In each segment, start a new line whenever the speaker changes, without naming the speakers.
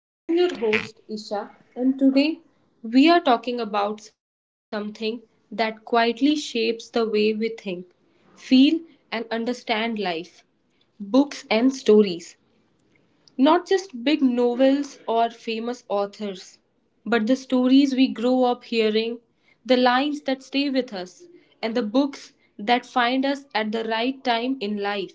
I am your host, Isha, and today we are talking about something that quietly shapes the way we think, feel, and understand life, books and stories. Not just big novels or famous authors, but the stories we grow up hearing, the lines that stay with us, and the books that find us at the right time in life.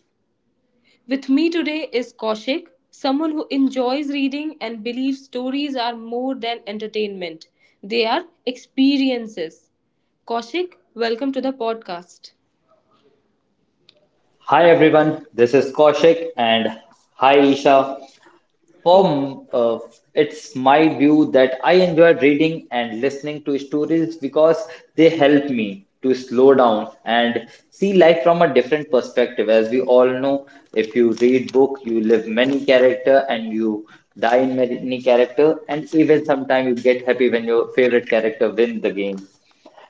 With me today is Kaushik, someone who enjoys reading and believes stories are more than entertainment, they are experiences. Kaushik, welcome to the podcast.
Hi everyone, this is Kaushik and hi Isha.
Hi.
For uh, it's my view that I enjoy reading and listening to stories because they help me to slow down and see life from a different perspective. As we all know, if you read book, you live many character and you die in many character, and even sometimes you get happy when your favorite character win the game.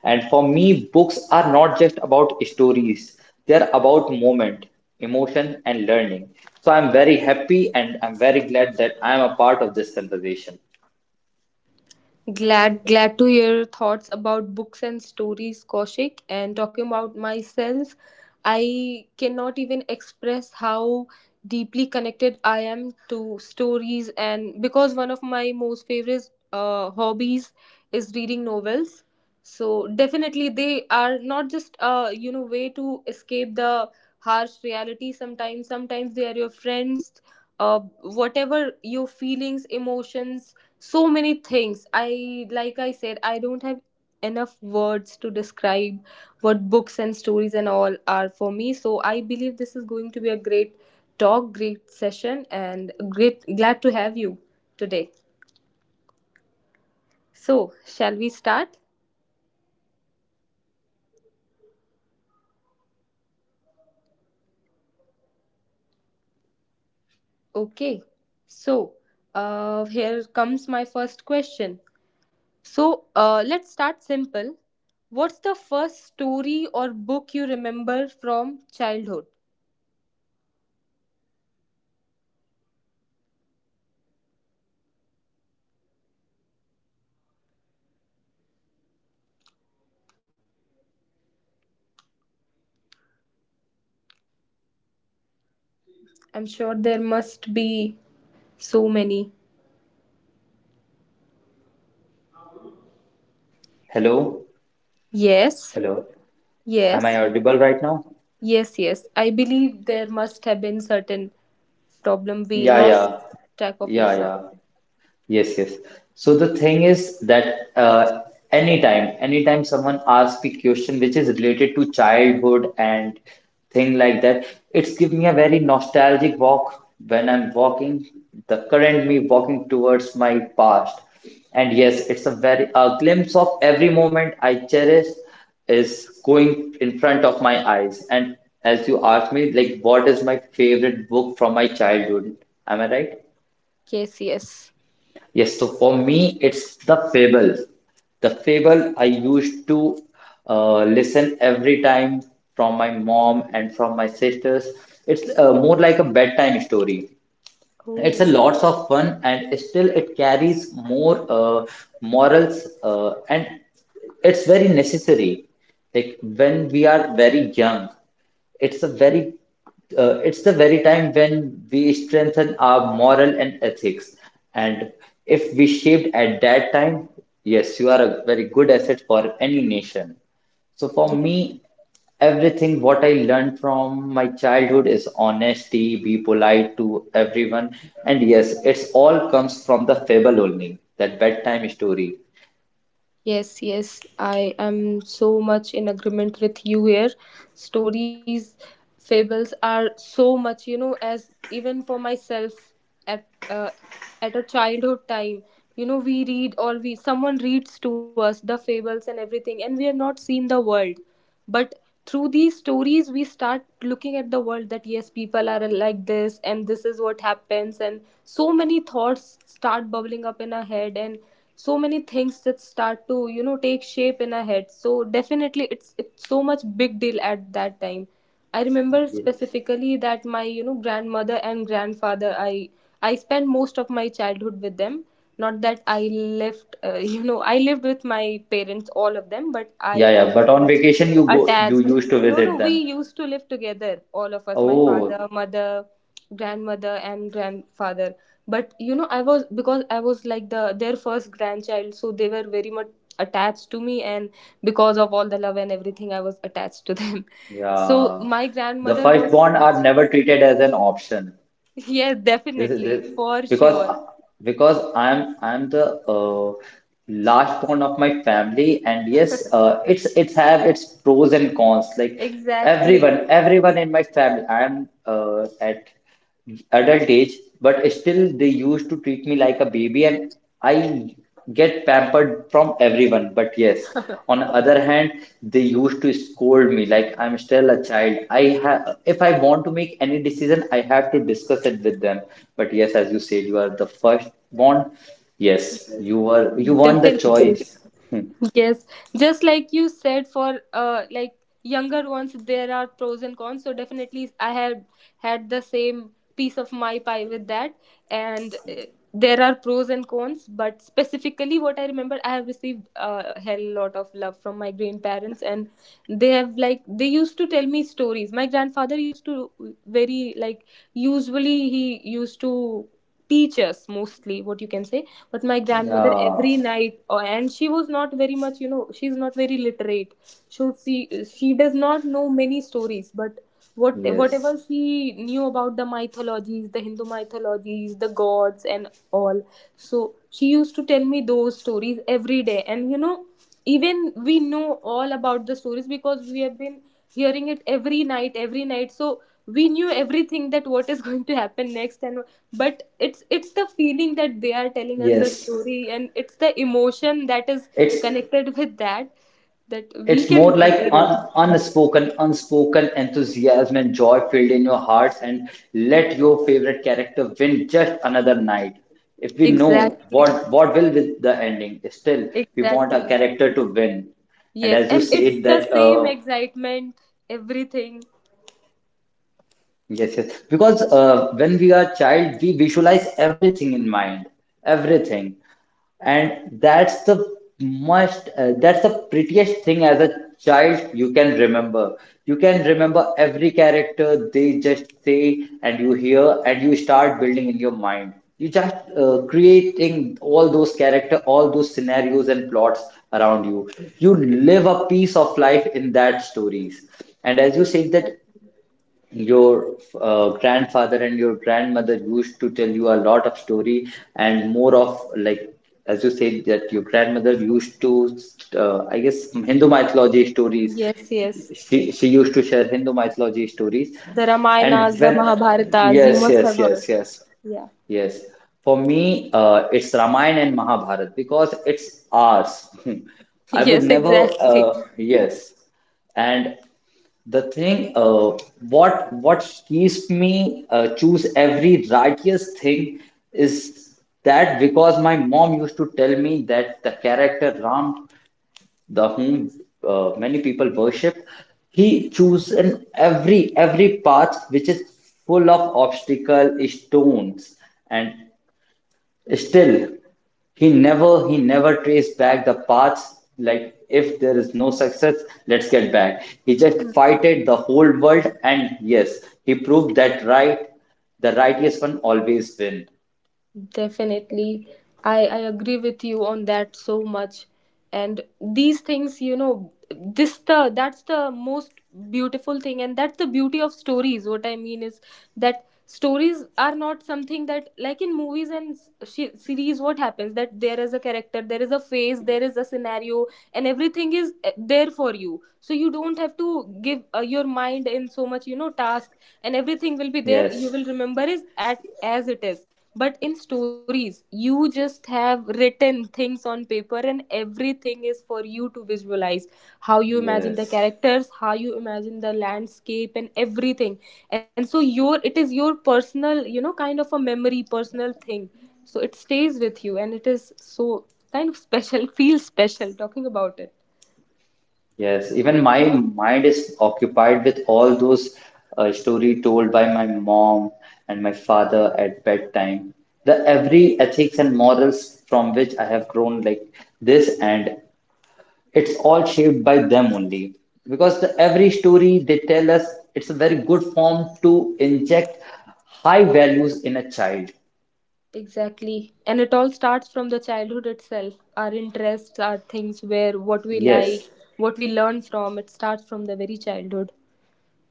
And for me, books are not just about stories, they're about moment, emotion, and learning. So I'm very happy and I'm very glad that I'm a part of this conversation.
Glad to hear thoughts about books and stories, Kaushik. And talking about myself, I cannot even express how deeply connected I am to stories. And because one of my most favorite hobbies is reading novels, so definitely they are not just way to escape the harsh reality. Sometimes they are your friends. Whatever your feelings, emotions, so many things. I, like I said, I don't have enough words to describe what books and stories and all are for me, so I believe this is going to be a great talk, great session, and great, glad to have you today. So shall we start? Okay. So here comes my first question. So let's start simple. What's the first story or book you remember from childhood? I'm sure there must be so many.
Hello?
Yes,
Hello? Am I
yes,
audible right now?
yes, yes. I believe there must have been certain problem. We
Yeah,
lost
yeah.
track of your
Yeah,
sound.
yeah. Yes, yes. So the thing is that anytime someone asks a question which is related to childhood and thing like that, it's give me a very nostalgic walk when I'm walking, the current me walking towards my past. And yes, it's a very a glimpse of every moment I cherish is going in front of my eyes. And as you asked me, like, what is my favorite book from my childhood? Am I right?
Yes, yes.
Yes, so for me, it's the Fable. The Fable I used to listen every time from my mom and from my sisters. It's more like a bedtime story. It's a
Oh,
lots of fun and still it carries more morals, and it's very necessary, like when we are very young, it's a very, it's the very time when we strengthen our moral and ethics, and if we shaped at that time, yes, you are a very good asset for any nation. So for
yes.
me, everything what I learned from my childhood is honesty, be polite to everyone, and yes, it's all comes from the fable only, that bedtime story.
Yes, yes, I am so much in agreement with you here. Stories, fables are so much, as even for myself at at a childhood time, we read or we someone reads to us the fables and everything, and we have not seen the world, but through these stories we start looking at the world, that yes, people are like this, and this is what happens, and so many thoughts start bubbling up in our head, and so many things that start to take shape in our head. So definitely it's so much big deal at that time. I remember
Yeah,
specifically that my grandmother and grandfather, I spent most of my childhood with them. Not that I lived I lived with my parents, all of them, but I
yeah.
was
But
so
on
much
vacation, you go, you
attached.
used to
No, no,
visit
we
them.
used to live together, all of us: my father,
Oh,
mother, grandmother and grandfather. But I was because I was like their first grandchild, so they were very much attached to me, and because of all the love and everything, I was attached to them. So
yeah.
my
The
grandmother was
firstborn
such.
are never treated as an option.
Yes,
This is
definitely,
this
for
because
sure.
because I'm the last born of my family, and yes, it's have its pros and cons. Like
Exactly.
everyone in my family, I'm at adult age, but still they used to treat me like a baby, and I get pampered from everyone, but yes. On the other hand, they used to scold me like I'm still a child. I have, if I want to make any decision, I have to discuss it with them. But yes, as you said, you are the first born. Yes,
Yes,
you are. You want the
definitely.
choice.
Yes, just like you said, for like younger ones, there are pros and cons. So definitely, I had the same piece of my pie with that, and there are pros and cons. But specifically, what I remember, I have received a hell lot of love from my grandparents, and they have like they used to tell me stories. My grandfather used to, very, like, usually he used to teach us mostly what you can say, with my grandmother
Yeah.
every night, and she was not very much, she's not very literate, so she does not know many stories, but what
Yes.
whatever she knew about the mythologies, the Hindu mythologies, the gods and all. So she used to tell me those stories every day, and even we know all about the stories because we have been hearing it every night, every night. So we knew everything, that what is going to happen next. And but it's the feeling that they are telling us the
Yes.
story, and it's the emotion that is
It's
connected with that, that we
It's
can
more like
hear it.
unspoken enthusiasm and joy filled in your hearts, and let your favorite character win just another night. If we know
Exactly,
what will with the ending, still we want a
exactly.
character to win. And
Yes,
as you
and it's
said
the
that
same excitement, everything.
yes, yes. Because when we are child, we visualize everything in mind, everything, and that's the most, that's the prettiest thing as a child you can remember. You can remember every character they just say, and you hear, and you start building in your mind. You just creating all those character, all those scenarios and plots around you. You live a piece of life in that stories. And as you said that
Exact-
your grandfather and your grandmother used to tell you a lot of story, and more of like as you said that your grandmother used to I guess hindu mythology stories.
yes, yes,
She used to share hindu mythology stories.
the
And
Ramayanas, the
when
Mahabharatas, you
yes,
must have
yes,
heard.
yes, yes.
Yeah.
Yes, for me, it's Ramayana and Mahabharata because it's ours. I would
Yes,
never,
exactly.
yes, and the thing, what keeps me choose every righteous thing is that because my mom used to tell me that the character ram, the whom many people worship, he chose in every path which is full of obstacle stones, and still he never traced back the paths. Like if there is no success, let's get back. He just fighted the whole world, and yes, he proved that right, the righteous one always win.
Definitely. I agree with you on that so much. And these things, this the that's the most beautiful thing, and that's the beauty of stories. What I mean is that stories are not something that, like, in movies and series, what happens, that there is a character, there is a phase, there is a scenario, and everything is there for you, so you don't have to give your mind in so much, task, and everything will be there, you
Yes,
will remember is at as it is. But in stories, you just have written things on paper, and everything is for you to visualize how you imagine the
yes,
characters, how you imagine the landscape, and everything. And so, your it is your personal, kind of a memory, personal thing. So, it stays with you, and it is so kind of special, feels special talking about it.
yes. Even my mind is occupied with all those story told by my mom and my father at bedtime. The every ethics and morals from which I have grown like this, and it's all shaped by them only because every story they tell us, it's a very good form to inject high values in a child.
Exactly. And it all starts from the childhood itself. Our interests, our things, where what we like,
Yes,
what we learn from, it starts from the very childhood.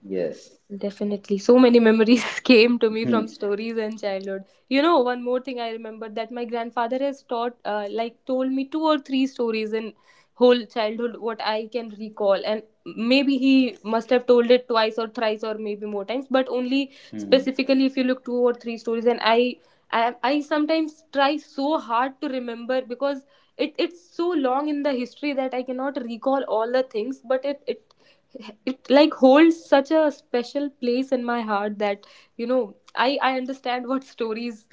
yes.
Definitely. So many memories came to me
Hmm,
from stories and childhood. One more thing I remember, that my grandfather has like, told me two or three stories in whole childhood, what I can recall. And maybe he must have told it twice or thrice or maybe more times, but only
hmm.
specifically if you look two or three stories. And I sometimes try so hard to remember because it's so long in the history that I cannot recall all the things, but it like holds such a special place in my heart that I understand what stories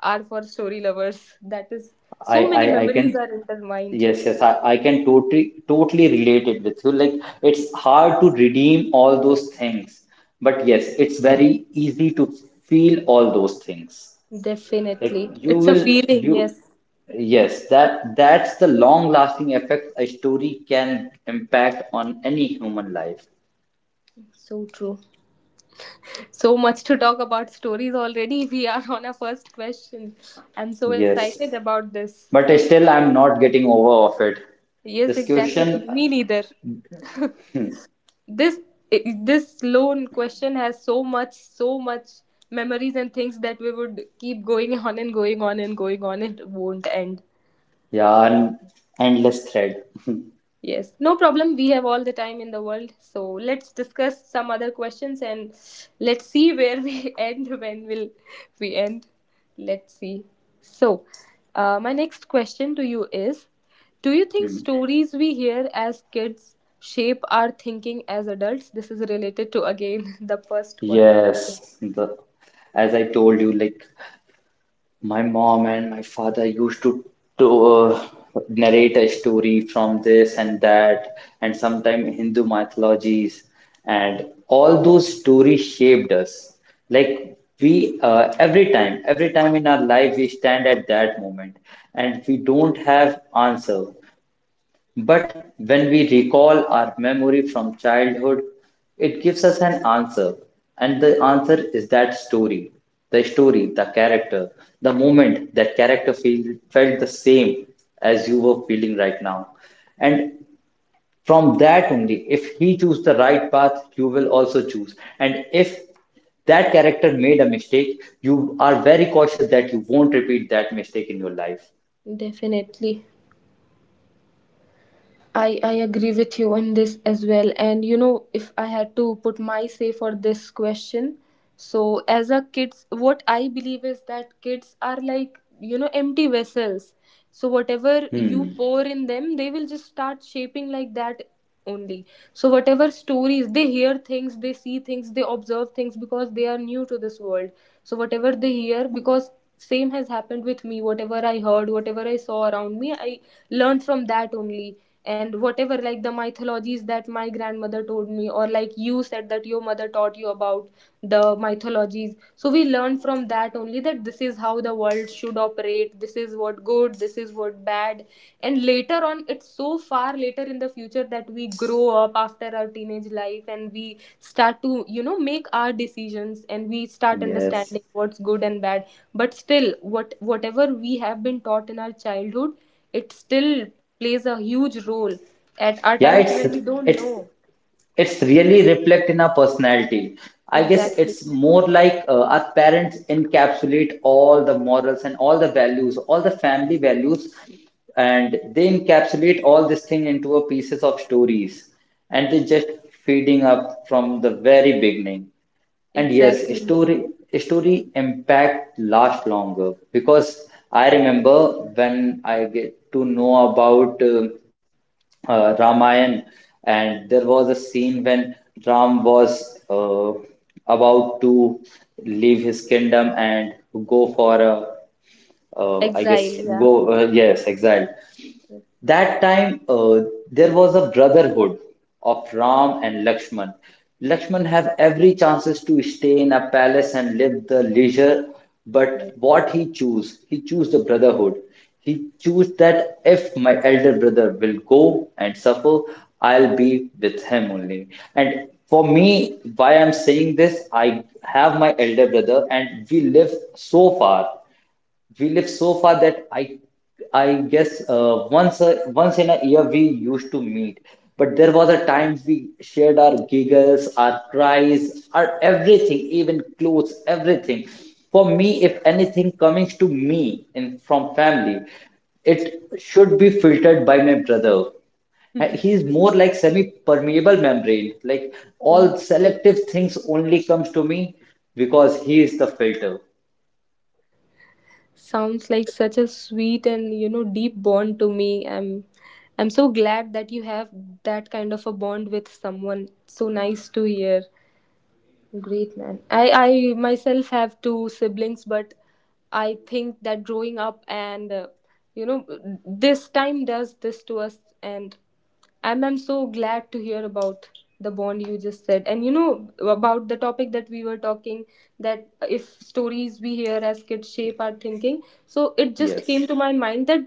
are for story lovers, that is,
I,
so many
I I can
memories are intertwined.
yes, yes. I can totally relate it with you. Like it's hard to redeem all those things, but yes, it's very easy to feel all those things. Like
Definitely,
you
it's a
will
feeling.
you
Yes.
yes, that that's the long lasting effect a story can impact on any human life.
So true. So much to talk about stories already. We are on our first question. I'm so
Yes.
excited about this.
But still I'm not getting over of it.
Yes, exactly.
Discussion,
Me neither. This i- this lone question has so much memories and things that we would keep going on and going on and going on, it won't end.
yeah, an endless thread.
Yes, no problem. We have all the time in the world. So let's discuss some other questions, and let's see where we end, when will we end. Let's see. So my next question to you is, do you think
Hmm.
stories we hear as kids shape our thinking as adults? This is related to, again, the first one.
Yes, the, as I told you, like my mom and my father used to uh, narrate a story from this and that, and sometimes Hindu mythologies, and all those stories shaped us. Like we, every time in our life, we stand at that moment, and we don't have answer. But when we recall our memory from childhood, it gives us an answer. And the answer is that story, the character, the moment that character feel, felt the same as you were feeling right now. And from that only, if he choose the right path, you will also choose. And if that character made a mistake, you are very cautious that you won't repeat that mistake in your life.
Definitely. I agree with you on this as well. And if I had to put my say for this question, so as a kids, what I believe is that kids are like, empty vessels. So whatever you
Hmm.
pour in them, they will just start shaping like that only. So whatever stories, they hear things, they see things, they observe things because they are new to this world. So whatever they hear, because same has happened with me, whatever I heard, whatever I saw around me, I learned from that only. And whatever, like the mythologies that my grandmother told me, or like you said that your mother taught you about the mythologies, so we learn from that only, that this is how the world should operate, this is what good, this is what bad. And later on, it's so far later in the future, that we grow up after our teenage life, and we start to make our decisions, and we start
Yes.
understanding what's good and bad. But still, whatever we have been taught in our childhood, it still plays a huge role at our times
Yeah,
when we don't
it's
know.
it's really reflect in our personality. I guess
Exactly,
it's more like our parents encapsulate all the morals and all the values, all the family values, and they encapsulate all this thing into a pieces of stories, and they just feeding up from the very beginning. And yes, a
exactly.
story, a story impact last longer because I remember when I get to know about Ramayan, and there was a scene when Ram was about to leave his kingdom and go for a, I guess,
Exile, yeah.
go, yes, exile. That time there was a brotherhood of Ram and Lakshman. Lakshman have every chances to stay in a palace and live the leisure,
Yes.
but what he choose? He choose the brotherhood. He choose that if my elder brother will go and suffer, I'll be with him only. And for me, why I'm saying this, I have my elder brother and we live so far. We live so far that I guess once a, once in a year we used to meet, but there was a time we shared our giggles, our cries, our everything, even clothes, everything. For me, if anything comes to me in from family, it should be filtered by my brother. And he is more like semi-permeable membrane. Like all selective things only comes to me because he is the filter.
Sounds like such a sweet and deep bond to me. I'm so glad that you have that kind of a bond with someone. So nice to hear. Great man. I myself have two siblings, but I think that growing up and you know this time does this to us, and I'm so glad to hear about the bond you just said, and about the topic that we were talking, that if stories we hear as kids shape our thinking. So it just came
Yes.
to my mind that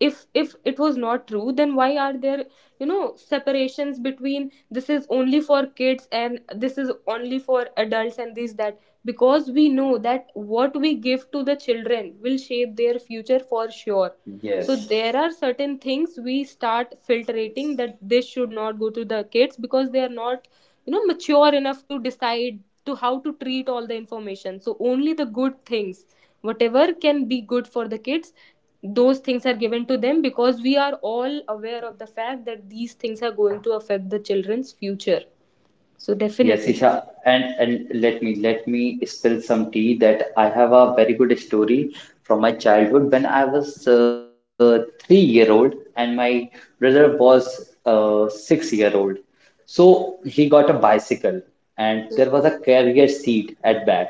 if it was not true, then why are there separations between this is only for kids and this is only for adults and this that, because we know that what we give to the children will shape their future for sure. So
Yes.
there are certain things we start filtering, that this should not go to the kids because they are not mature enough to decide to how to treat all the information. So only the good things, whatever can be good for the kids, those things are given to them because we are all aware of the fact that these things are going to affect the children's future. So
Yes,
definitely.
Isha, and and let me spill some tea that I have a very good story from my childhood when I was 3 year old and my brother was 6 year old. So he got a bicycle and there was a carrier seat at back.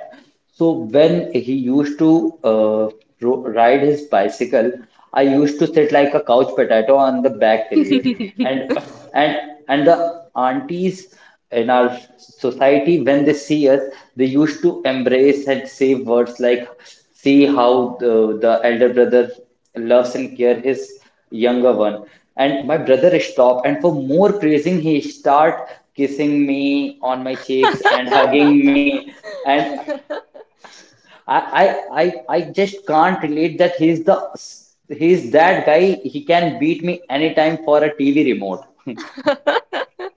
So when he used to ro ride his bicycle, I used to sit like a couch potato on the back rear, and and the aunties in our society when they see us, they used to embrace and say words like, "See how the, the elder brother loves and care his younger one." And my brother stopped, and for more praising, he start kissing me on my cheeks and hugging me, and I, I just can't relate that he's that guy. He can beat me anytime for a TV remote.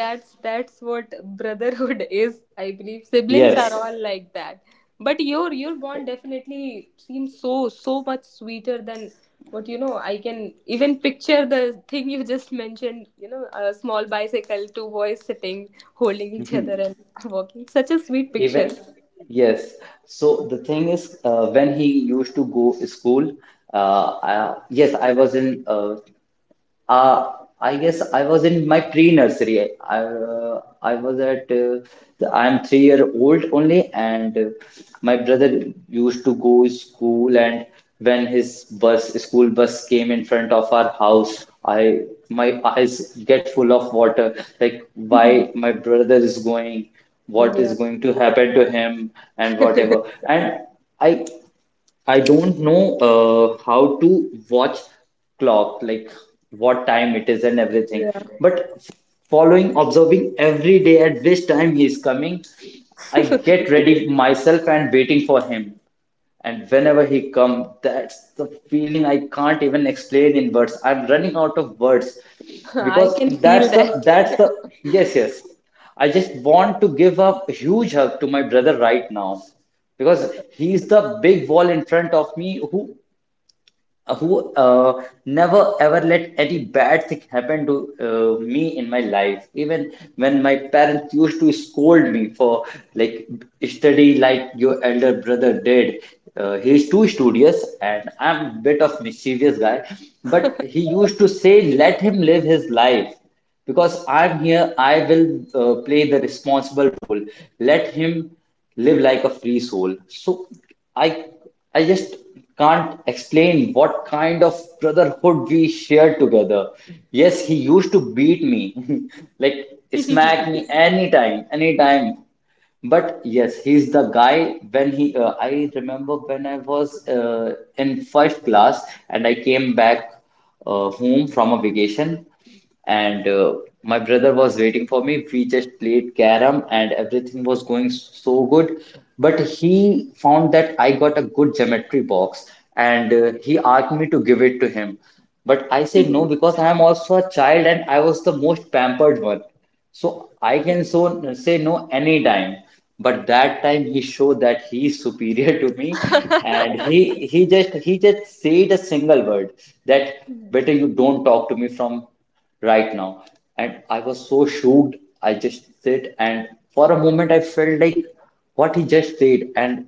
That's what brotherhood is. I believe siblings are
Yes,
all like that. But your bond definitely seems so so much sweeter than what I can even picture the thing you just mentioned. A small bicycle, two boys sitting, holding each other and walking. Such a sweet picture.
even yes. So the thing is, when he used to go school, I, yes, I was in. Uh, I guess I was in my pre-nursery. I was at I am 3 year old only, and my brother used to go school. And when his bus school bus came in front of our house, I my eyes get full of water. Like why my brother is going, what
Yeah.
is going to happen to him, and whatever. And I I don't know how to watch clock, like what time it is and everything.
Yeah.
But f- Following, observing every day at which time he is coming, I get ready myself and waiting for him. And whenever he come, that's the feeling I can't even explain in words. I'm running out of words
I
because
can feel that.
that's the yes, yes. I just want to give a huge hug to my brother right now because he's the big wall in front of me who never ever let any bad thing happen to me in my life, even when my parents used to scold me for like, study like your elder brother did. He's too studious and I'm bit of mischievous guy, but he used to say let him live his life because I'm here, I will play the responsible role. Let him live like a free soul. So i I just can't explain what kind of brotherhood we shared together. Yes, he used to beat me, like smack me anytime, anytime. But yes, he's the guy when I remember when I was in fifth class and I came back home from a vacation, and my brother was waiting for me. We just played carom and everything was going so good. But he found that I got a good geometry box, and he asked me to give it to him. But I said no, because I am also a child and I was the most pampered one. So I can so say no anytime, but that time he showed that he is superior to me, and he just said a single word, that better you don't talk to me from right now. And I was so shocked. I just said, and for a moment I felt like what he just said. And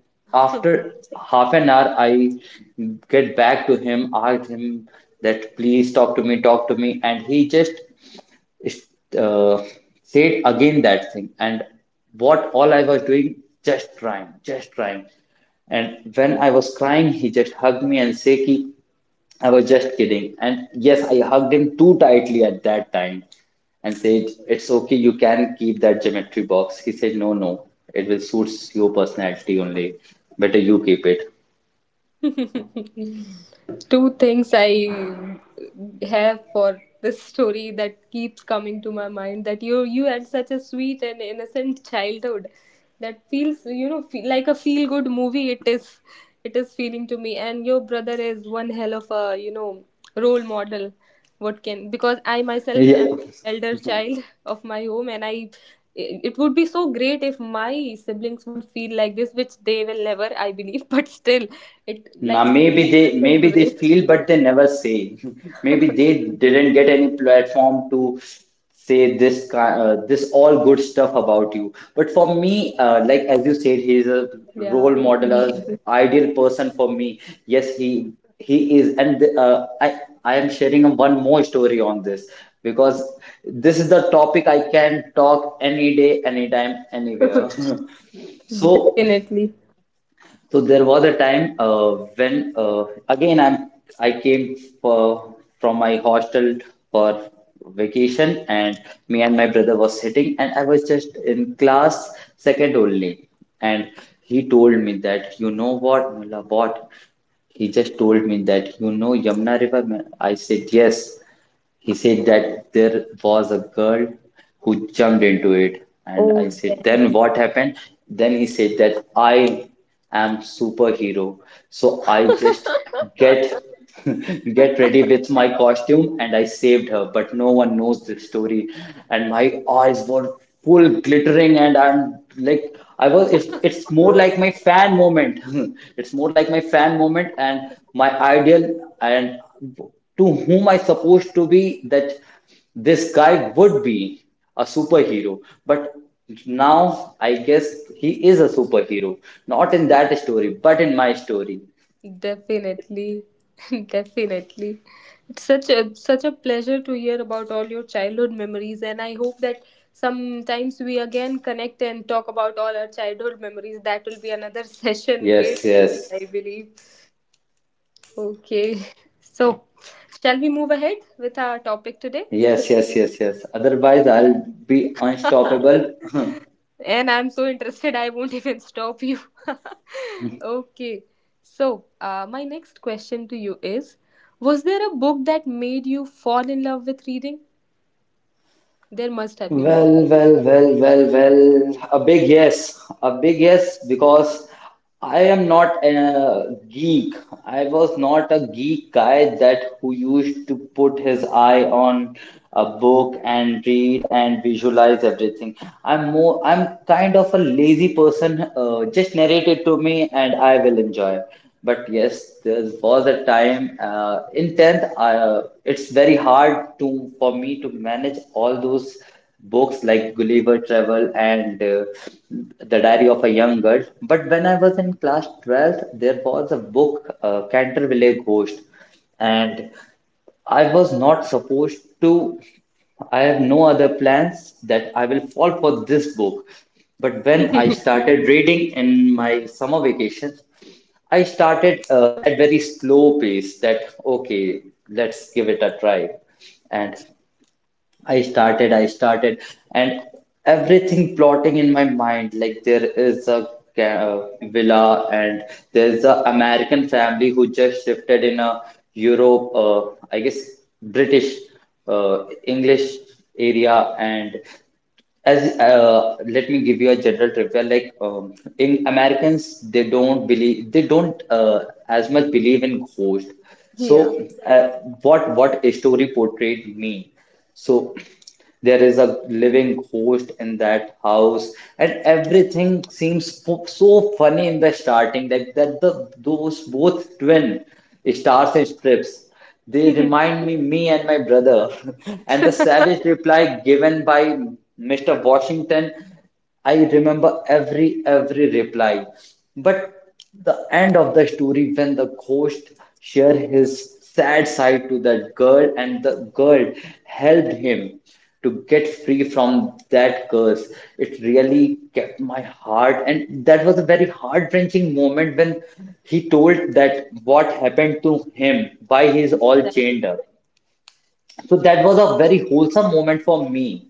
after 1/2 an hour, I get back to him, asked him that please talk to me, and he just is- uh, said again that thing. And what all I was doing, just trying, just trying, and when
Two
I was crying, he just hugged me and said ki, I was just kidding. And yes, I hugged him too tightly at that time and said it's okay, you can keep that geometry box. He said, no, no, it will suit your personality only, better you keep it.
things I have for this story, that keeps coming to my mind, that you had such a sweet and innocent childhood, that feels feel like a feel good movie. It is feeling to me. And your brother is one hell of a role model. What can, because I myself
Yeah.
am elder child of my home, and I, it would be so great if my siblings would feel like this, which they will never, I believe, but still it
Now,
like it's
maybe they
such a
maybe they
great.
feel, but they never say. Maybe they didn't get any platform to say this this all good stuff about you. But for me, like as
Yeah,
you said, he's a
okay.
role model, a ideal person for me. Yes, he is, and I am sharing one more story on this because this is the topic I can talk any day, anytime, anywhere. So,
Definitely.
so there was a time when again I came for, from my hostel for vacation. And me and my brother was sitting, and I was just in class second only. And he told me that, you know what Mulla, what he just told me that, you know Yamuna River? I said yes. He said that there was a girl who jumped into it. And
Oh,
I said, then what happened? Then he said that I am superhero, so I just get get ready with my costume and I saved her, but no one knows the story. And my eyes were full glittering, and I'm like, I was it's more like my fan moment. It's more like my fan moment. And my ideal and to whom I supposed to be, that this guy would be a superhero, but now I guess he is a superhero. Not in that story, but in my story.
definitely. Definitely. It's such a pleasure to hear about all your childhood memories, and I hope that sometimes we again connect and talk about all our childhood memories. That will be another session, great
Yes, yes,
session, I believe. Okay, so shall we move ahead with our topic today?
yes, yes. Otherwise, I'll be unstoppable.
And I'm so interested, I won't even stop you. Okay. So, my next question to you is: was there a book that made you fall in love with reading? There must have been.
Well, well, well, well, well. A big yes. A big yes, because I am not a geek. I was not a geek guy that who used to put his eye on a book and read and visualize everything. I'm kind of a lazy person. Just narrate it to me and I will enjoy. But yes, there was a time in 10th, it's very hard to for me to manage all those books like Gulliver Travel and The Diary of a Young Girl. But when I was in class 12th, there was a book, Canterville Ghost, and I was not supposed to. I have no other plans that I will fall for this book. But when I started reading in my summer vacations, I started at very slow pace, that okay, let's give it a try. And I started, and everything plotting in my mind. Like there is a villa, and there's a American family who just shifted in a Europe, I guess British, English area. And as let me give you a general trivia, like in americans, they don't as much believe in ghost.
Yeah.
So uh, what a story portrayed me. So there is a living ghost in that house, and everything seems so funny in the starting, that the those both twin stars and strips, they remind me, me and my brother, and the savage reply given by Mr. Washington. I remember every reply, but the end of the story when the ghost shared his sad side to that girl and the girl helped him to get free from that curse. It really kept my heart, and that was a very heart-wrenching moment when he told that what happened to him, why he's all chained up. So that was a very wholesome moment for me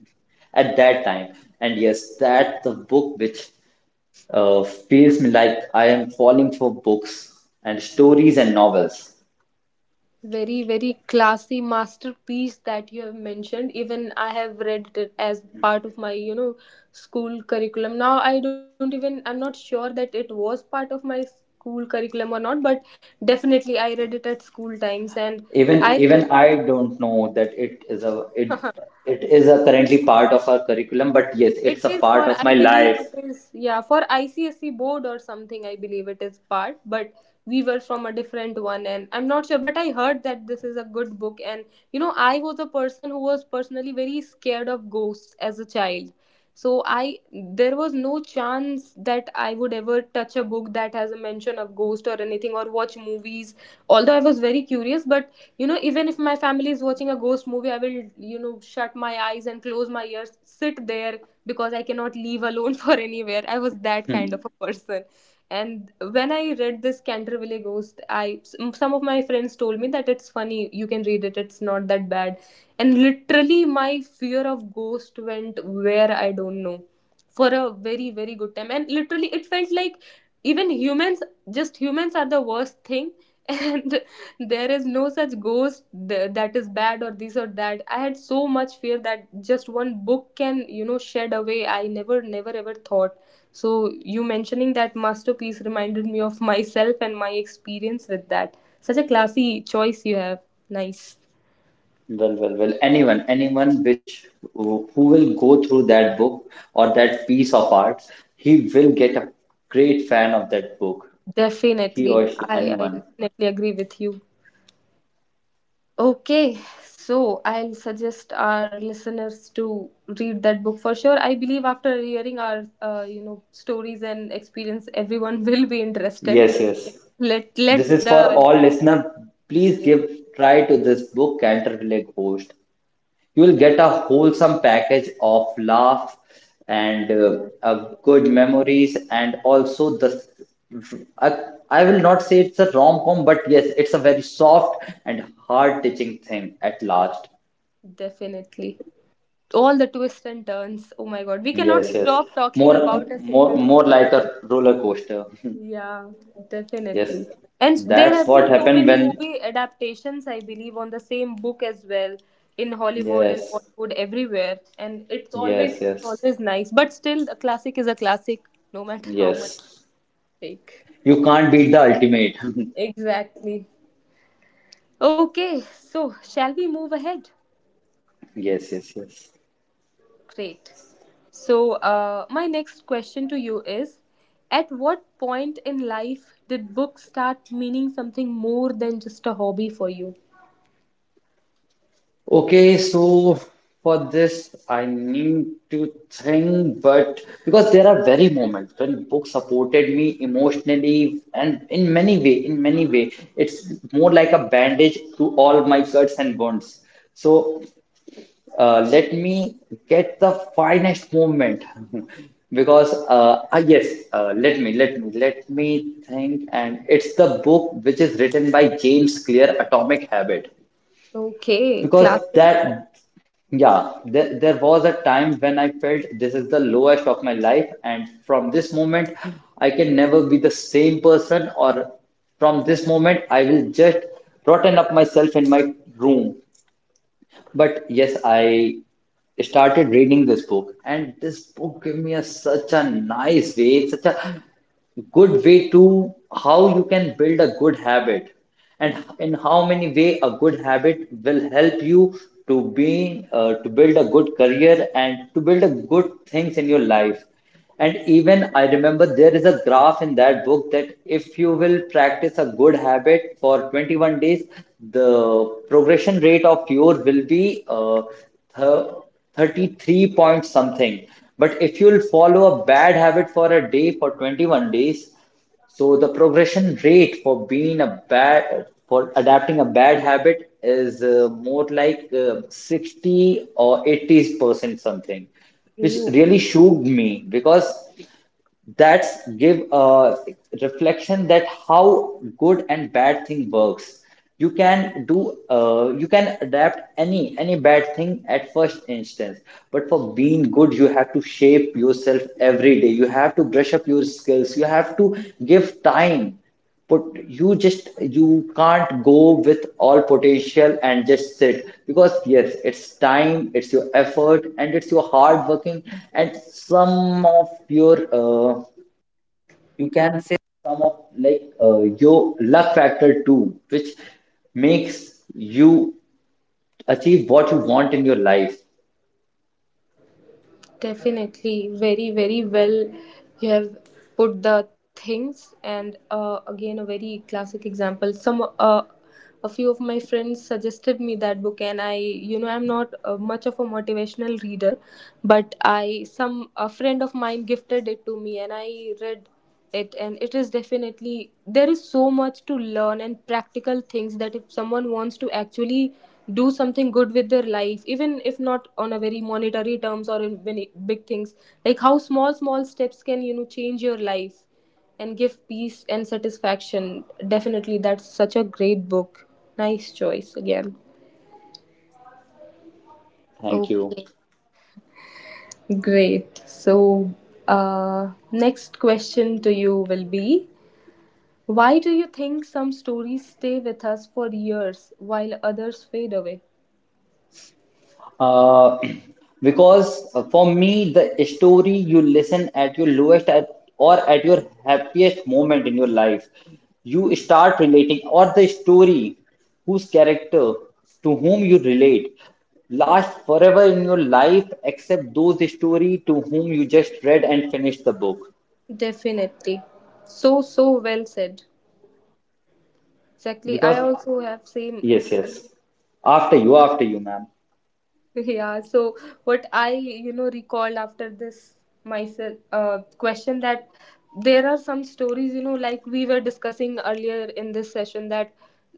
at that time. And yes, that's the book which feels me like I am falling for books and stories and novels.
Very very classy masterpiece that you have mentioned. Even I have read it as part of my school curriculum. Now I don't even, I'm not sure that it was part of my school curriculum or not, but definitely I read it at school times, and I
Even
remember.
even I don't know that it is a it is a currently part of our curriculum, but yes,
It
it's a
is
part
for,
of my
I believe
life.
it is, yeah, for ICSE board or something, I believe it is part, but we were from a different one, and I'm not sure, but I heard that this is a good book. And, I was a person who was personally very scared of ghosts as a child. So I, there was no chance that I would ever touch a book that has a mention of ghost or anything, or watch movies. Although I was very curious, but even if my family is watching a ghost movie, I will shut my eyes and close my ears, sit there, because I cannot leave alone for anywhere. I was that kind
Hmm.
of a person. And when I read this Canterville Ghost, I, some of my friends told me that it's funny, you can read it, it's not that bad. And literally, my fear of ghost went where, I don't know, for a very very good time. And literally, it felt like even humans, just humans are the worst thing. And there is no such ghost th- that is bad or this or that. I had so much fear that just one book can shed away, I never never ever thought. So you mentioning that masterpiece reminded me of myself and my experience with that. Such a classy choice you have. Nice.
Well, well, well. Anyone, anyone which who will go through that book or that piece of art, he will get a great fan of that book. He
Definitely.
or she,
I
anyone.
definitely agree with you. Okay, so I'll suggest our listeners to read that book for sure. I believe after hearing our stories and experience, everyone will be interested.
Yes, yes.
Let
This
let's
is for
the
all listener. Please
Yeah.
give try to this book, Canterville Ghost. You will
the
get a wholesome package of laugh and
the
uh,
most
good memories, and also the I, I will not say it's a rom-com, but yes, it's a very soft and heart touching thing at last.
Definitely all the twists and turns. Oh my God, we cannot
Yes, yes.
stop talking
More,
about a
more,
single.
more like a roller coaster.
Yeah,
Yes,
definitely. And there
that's
have
what
been so
happened
many
when,
movie adaptations, I believe, on the same book as well, in Hollywood and
yes,
Bollywood, everywhere. And it's always,
yes,
it's
yes,
always nice. But still, a classic is a classic, no matter how much
yes,
you take.
you can't beat the ultimate.
Exactly. Okay, so shall we move ahead?
Yes, yes, yes.
Great. So, my next question to you is: at what point in life did books start meaning something more than just a hobby for you?
Okay, so for this, I need to think. But because there are very moments when books supported me emotionally and in many way, it's more like a bandage to all my cuts and wounds. So let me get the finest moment because yes, let me think. And it's the book which is written by James Clear, Atomic Habit,
Okay,
because okay,
classic.
that yeah, there was a time when I felt this is the lowest of my life, and from this moment, I can never be the same person. Or from this moment, I will just rotten up myself in my room. But yes, I started reading this book, and this book gave me a, such a nice way, such a good way to how you can build a good habit, and in how many way a good habit will help you to be to build a good career and to build a good things in your life. And even I remember there is a graph in that book, that if you will practice a good habit for 21 days, the progression rate of yours will be th- 33 point something. But if you will follow a bad habit for a day for 21 days, so the progression rate for being a bad, for adapting a bad habit is more like 60 or 80% something, which really shook me because that's give a reflection that how good and bad thing works. You can do you can adapt any bad thing at first instance, but for being good, you have to shape yourself every day, you have to brush up your skills, you have to give time. But you just, you can't go with all potential and just sit, because yes, it's time, it's your effort, and it's your hard working, and some of your you can say some of like your luck factor too, which makes you achieve what you want in your life.
Definitely, very, very well you have put the things. And again, a very classic example. Some, a few of my friends suggested me that book, and I, I'm not much of a motivational reader, but I, some, a friend of mine gifted it to me, and I read it, and it is definitely, there is so much to learn and practical things, that if someone wants to actually do something good with their life, even if not on a very monetary terms or in many big things, like how small small steps can change your life and give peace and satisfaction. Definitely, that's such a great book. Nice choice again.
Thank you.
Okay. Great. So uh, next question to you will be: why do you think some stories stay with us for years while others fade away?
Uh, because for me, the story you listen at your lowest at, or at your happiest moment in your life, you start relating. Or the story whose character to whom you relate last forever in your life, except those story to whom you just read and finished the book.
Definitely. So, so well said. Exactly.
Because,
I also have same.
yes, yes. After you, ma'am.
Yeah. So what I, recalled after this myself question, that there are some stories, like we were discussing earlier in this session, that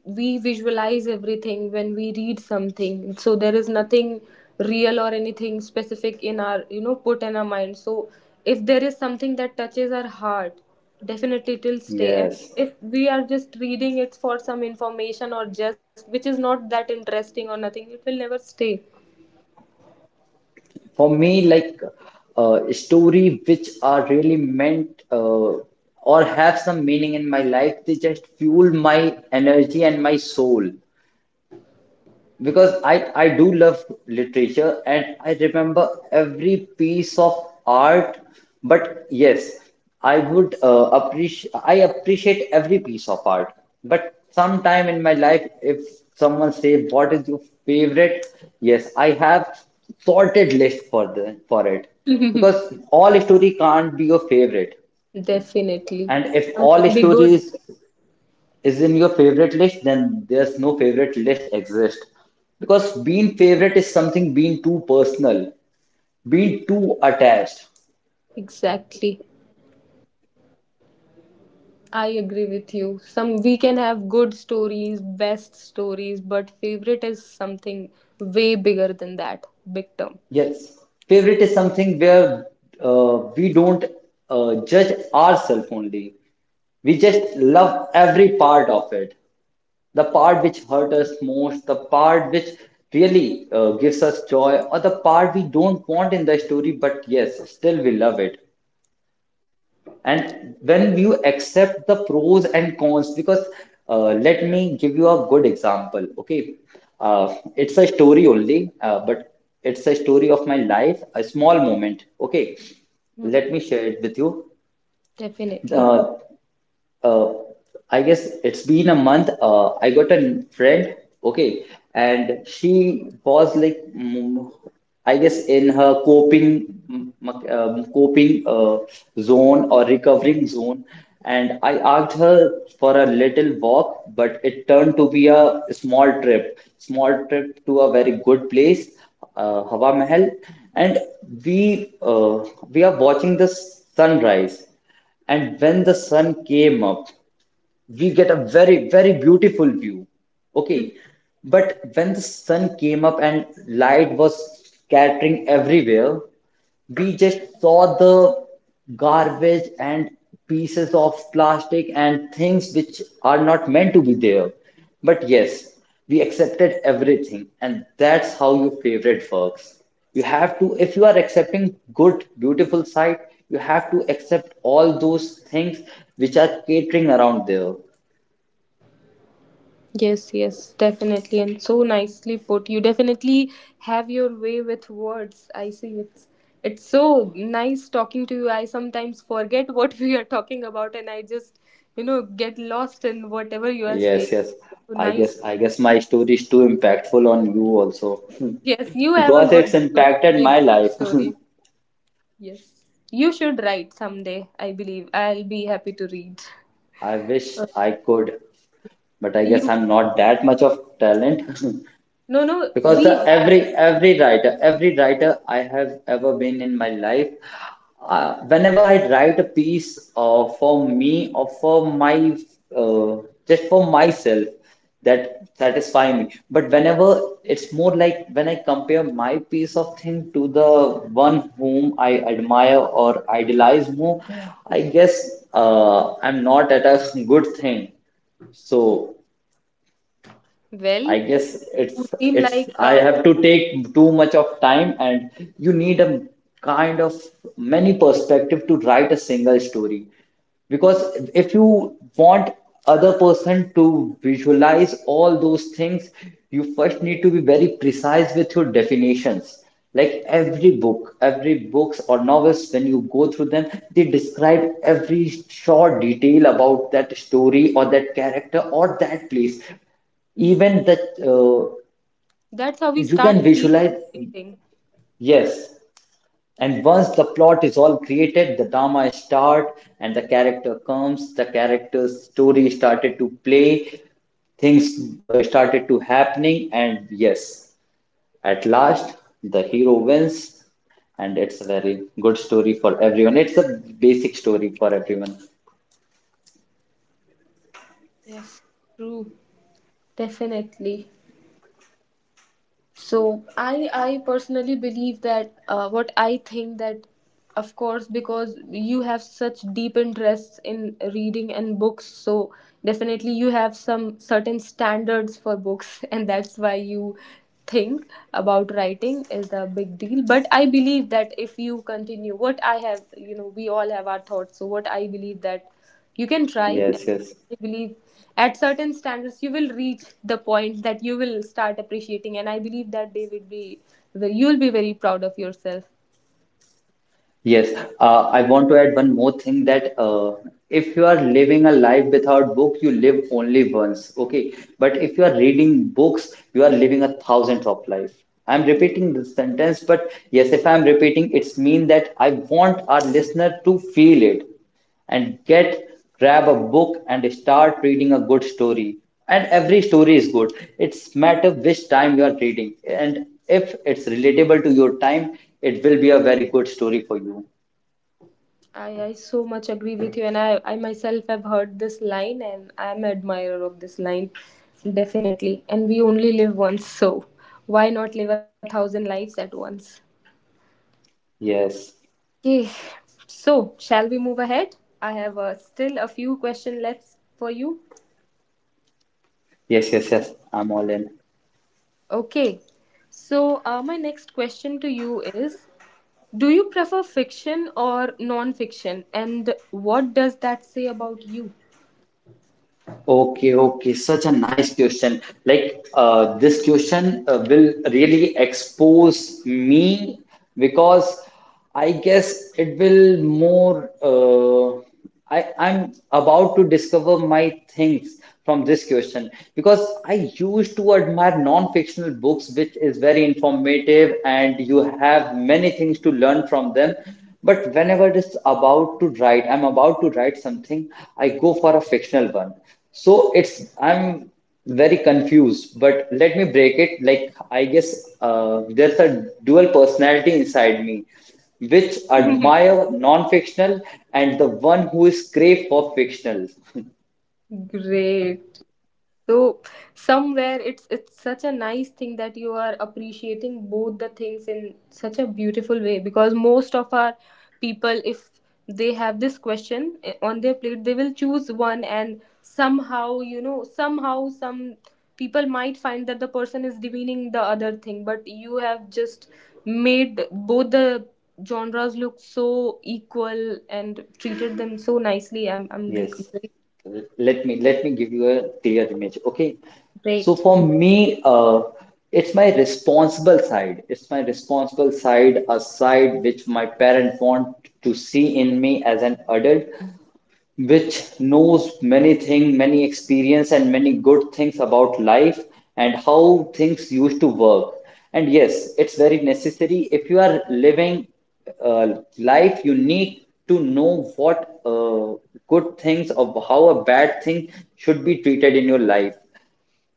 we visualize everything when we read something. So there is nothing real or anything specific in our, put in our mind. So if there is something that touches our heart, definitely it will stay. And
Yes.
if we are just reading it for some information or just which is not that interesting or nothing, it will never stay.
For me, like story which are really meant or have some meaning in my life, they just fuel my energy and my soul, because I do love literature and I remember every piece of art. But yes, I would appreciate I appreciate every piece of art. But sometime in my life, if someone say what is your favorite, yes, I have sorted list for the for it because all story can't be your favorite.
Definitely.
And if all
Can be-
stories is in your favorite list, then there's no favorite list exist. Because being favorite is something being too personal, being too attached.
Exactly. I agree with you. Some, we can have good stories, best stories, but favorite is something way bigger than that. Big term.
Yes, favorite is something where we don't judge ourselves only. We just love every part of it. The part which hurt us most, the part which really gives us joy, or the part we don't want in the story, but yes, still we love it. And when you accept the pros and cons, because let me give you a good example, okay? It's a story only, but it's a story of my life, a small moment, okay?
Hmm.
Let me share it with you.
Definitely.
Uh, uh, I guess it's been a month. I got a friend, okay, and she was like, I guess, in her coping, coping zone or recovering zone. And I asked her for a little walk, but it turned to be a small trip to a very good place, Hawa Mahal, and we uh, we are watching the sunrise. And when the sun came up, we get a very beautiful view,
Hmm.
okay. But when the sun came up and light was scattering everywhere, we just saw the garbage and pieces of plastic and things which are not meant to be there. But yes, we accepted everything, and that's how your favorite works. You have to, if you are accepting good beautiful sight, you have to accept all those things which are catering around there.
Yes, yes, definitely. And so nicely put. You definitely have your way with words. I see, it's so nice talking to you. I sometimes forget what we are talking about, and I just, get lost in whatever you are
Yes,
saying.
yes,
So
i
nice.
guess i guess my story is too impactful on you also.
Yes, you have a
Because it's
good, good
impacted
big
my
bird
life.
story. Yes, you should write someday. I believe I'll be happy to read.
I wish
Uh,
I could, but I
You
guess
can.
I'm not that much of talent.
No, no,
Because the
we have.
every writer I have ever been in my life, whenever I write a piece for me or for my uh, just for myself, that satisfy me. But whenever, it's more like when I compare my piece of thing to the one whom I admire or idolize more, I guess I'm not at a good thing. So
Well,
I guess
who
it's
seem like
it's I have to take too much of time. And you need a kind of many perspective to write a single story. Because if you want other person to visualize all those things, you first need to be very precise with your definitions. Like every book, every books or novels, when you go through them, they describe every short detail about that story or that character or that place, even that uh,
that's how we
you
start
can
feeling
visualize.
everything.
Yes. And once the plot is all created, the drama start and the character comes, the character's story started to play, things started to happening. And yes, at last the hero wins. And it's a very good story for everyone, it's a basic story for everyone.
Yes, true, definitely. So I personally believe that what I think that, of course, because you have such deep interests in reading and books, so definitely you have some certain standards for books and that's why you think about writing is a big deal. But I believe that if you continue, what I have, we all have our thoughts, so what I believe that you can try.
Yes, yes.
I believe at certain standards you will reach the point that you will start appreciating, and I believe that day would be where you'll be very proud of yourself.
Yes, I want to add one more thing that if you are living a life without book, you live only once. Okay, but if you are reading books, you are living a thousand of life. I'm repeating this sentence, but yes, if I'm repeating, it's mean that I want our listener to feel it. And get grab a book and start reading a good story. And every story is good. It's matter which time you are reading. And if it's relatable to your time, it will be a very good story for you.
I so much agree with you, and I myself have heard this line, and I'm an admirer of this line, definitely. And we only live once, so why not live a thousand lives at once?
Yes.
Okay, so shall we move ahead? I have still a few questions left for you.
Yes, yes, yes, I'm all in.
Okay, so my next question to you is: do you prefer fiction or non fiction? And what does that say about you?
Okay, okay, such a nice question. Like, this question will really expose me because I guess it will more. I'm about to discover my things from this question, because I used to admire non-fictional books, which is very informative, and you have many things to learn from them. But whenever it is about to write, I'm about to write something, I go for a fictional one. So it's I'm very confused, but let me break it. Like I guess there's a dual personality inside me, which admire non-fictional and the one who is crave for fictional.
Great. So, somewhere it's such a nice thing that you are appreciating both the things in such a beautiful way, because most of our people, if they have this question eh, on their plate, they will choose one, and somehow, somehow some people might find that the person is demeaning the other thing, but you have just made both the genres look so equal and treated them so nicely.
Yes, let me give you a clear image. Okay, so
Great.
for me, it's my responsible side. It's my responsible side, a side which my parents want to see in me as an adult, which knows many things, many experience, and many good things about life and how things used to work. And yes, it's very necessary. If you are living life, you need to know what good things or how a bad thing should be treated in your life.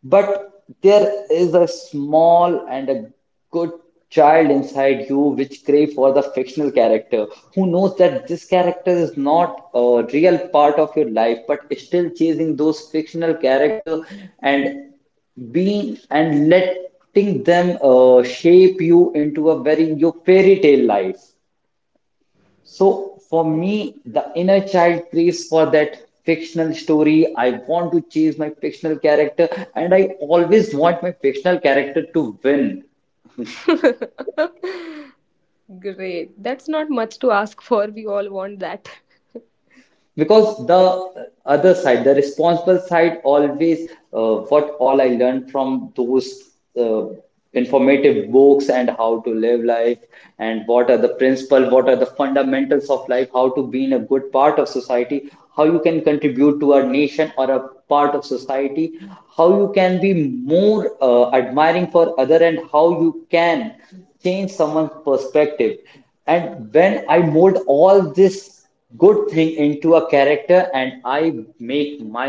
But there is a small and a good child inside you which crave for the fictional character, who knows that this character is not a real part of your life but is still chasing those fictional character and being and letting them shape you into a very your fairy tale life. So for me, the inner child craves for that fictional story. I want to chase my fictional character, and I always want my fictional character to win.
Great. That's not much to ask for. We all want that.
Because the other side, the responsible side, always what all I learned from those uh, informative books and how to live life and what are the principle, what are the fundamentals of life, how to be in a good part of society, how you can contribute to our nation or a part of society, how you can be more admiring for other and how you can change someone's perspective. And when I mold all this good thing into a character, and I make my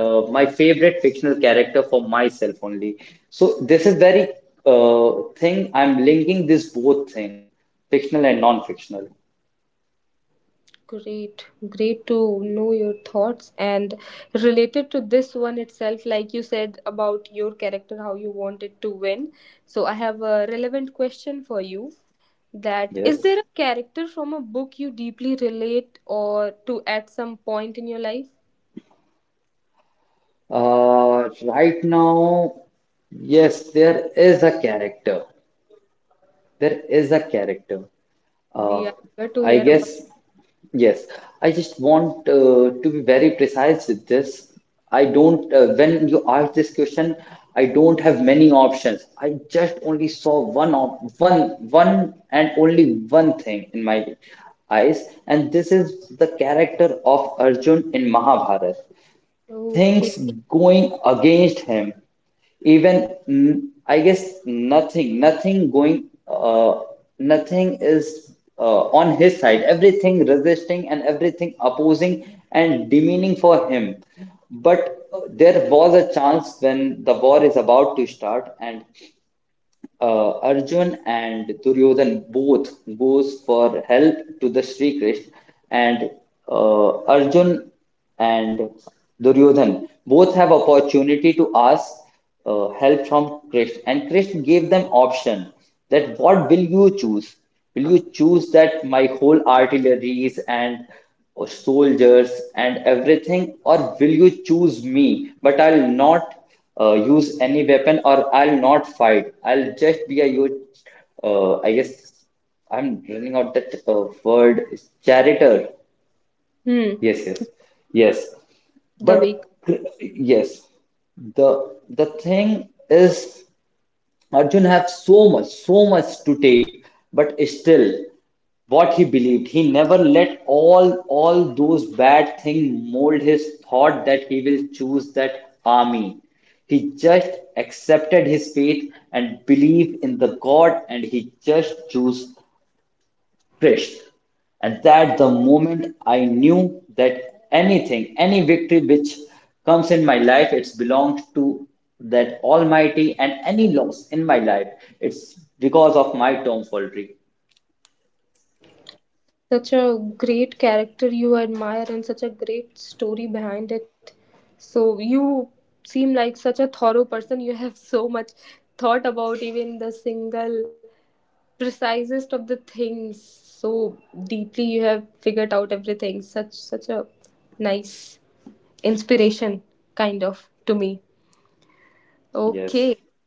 my favorite fictional character for myself only. So this is very uh, thing I'm linking this both thing, fictional and non-fictional.
Great. Great to know your thoughts. And related to this one itself, like you said about your character, how you wanted to win. So, I have a relevant question for you: that is,
Yes.
there a character from a book you deeply relate or to at some point in your life?
Right now, yes, there is a character. There is a character. Uh,
We are here to
I
hear about.
guess, yes. I just want to be very precise with this. I don't, when you ask this question, I don't have many options. I just only saw one, one and only one thing in my eyes, and this is the character of Arjun in Mahabharata. Things
Okay.
going against him, even I guess nothing going nothing is on his side, everything resisting and everything opposing and demeaning for him. But there was a chance when the war is about to start, and Arjun and Duryodhan both goes for help to the Sri Krishna. And Arjun and Duryodhan both have opportunity to ask help from Krishna, and Krishna gave them option that what will you choose? Will you choose that my whole artilleries and soldiers and everything, or will you choose me but I'll not use any weapon or I'll not fight. I'll just be a huge, I guess I'm running out that word, charioteer.
Hmm.
Yes, yes, yes.
The way
Yes, the thing is, Arjun have so much, so much to take, but still what he believed. He never let all those bad things mold his thought that he will choose that army. He just accepted his fate and believed in the God, and he just chose Christ. And that the moment I knew that anything, any victory which comes in my life, it's belonged to that Almighty, and any loss in my life, it's because of my tomfoolery.
such a great character you admire, and such a great story behind it. So you seem like such a thorough person. You have so much thought about even the single precisest of the things. So deeply you have figured out everything. Such a nice inspiration kind of to me.
Yes.
Okay.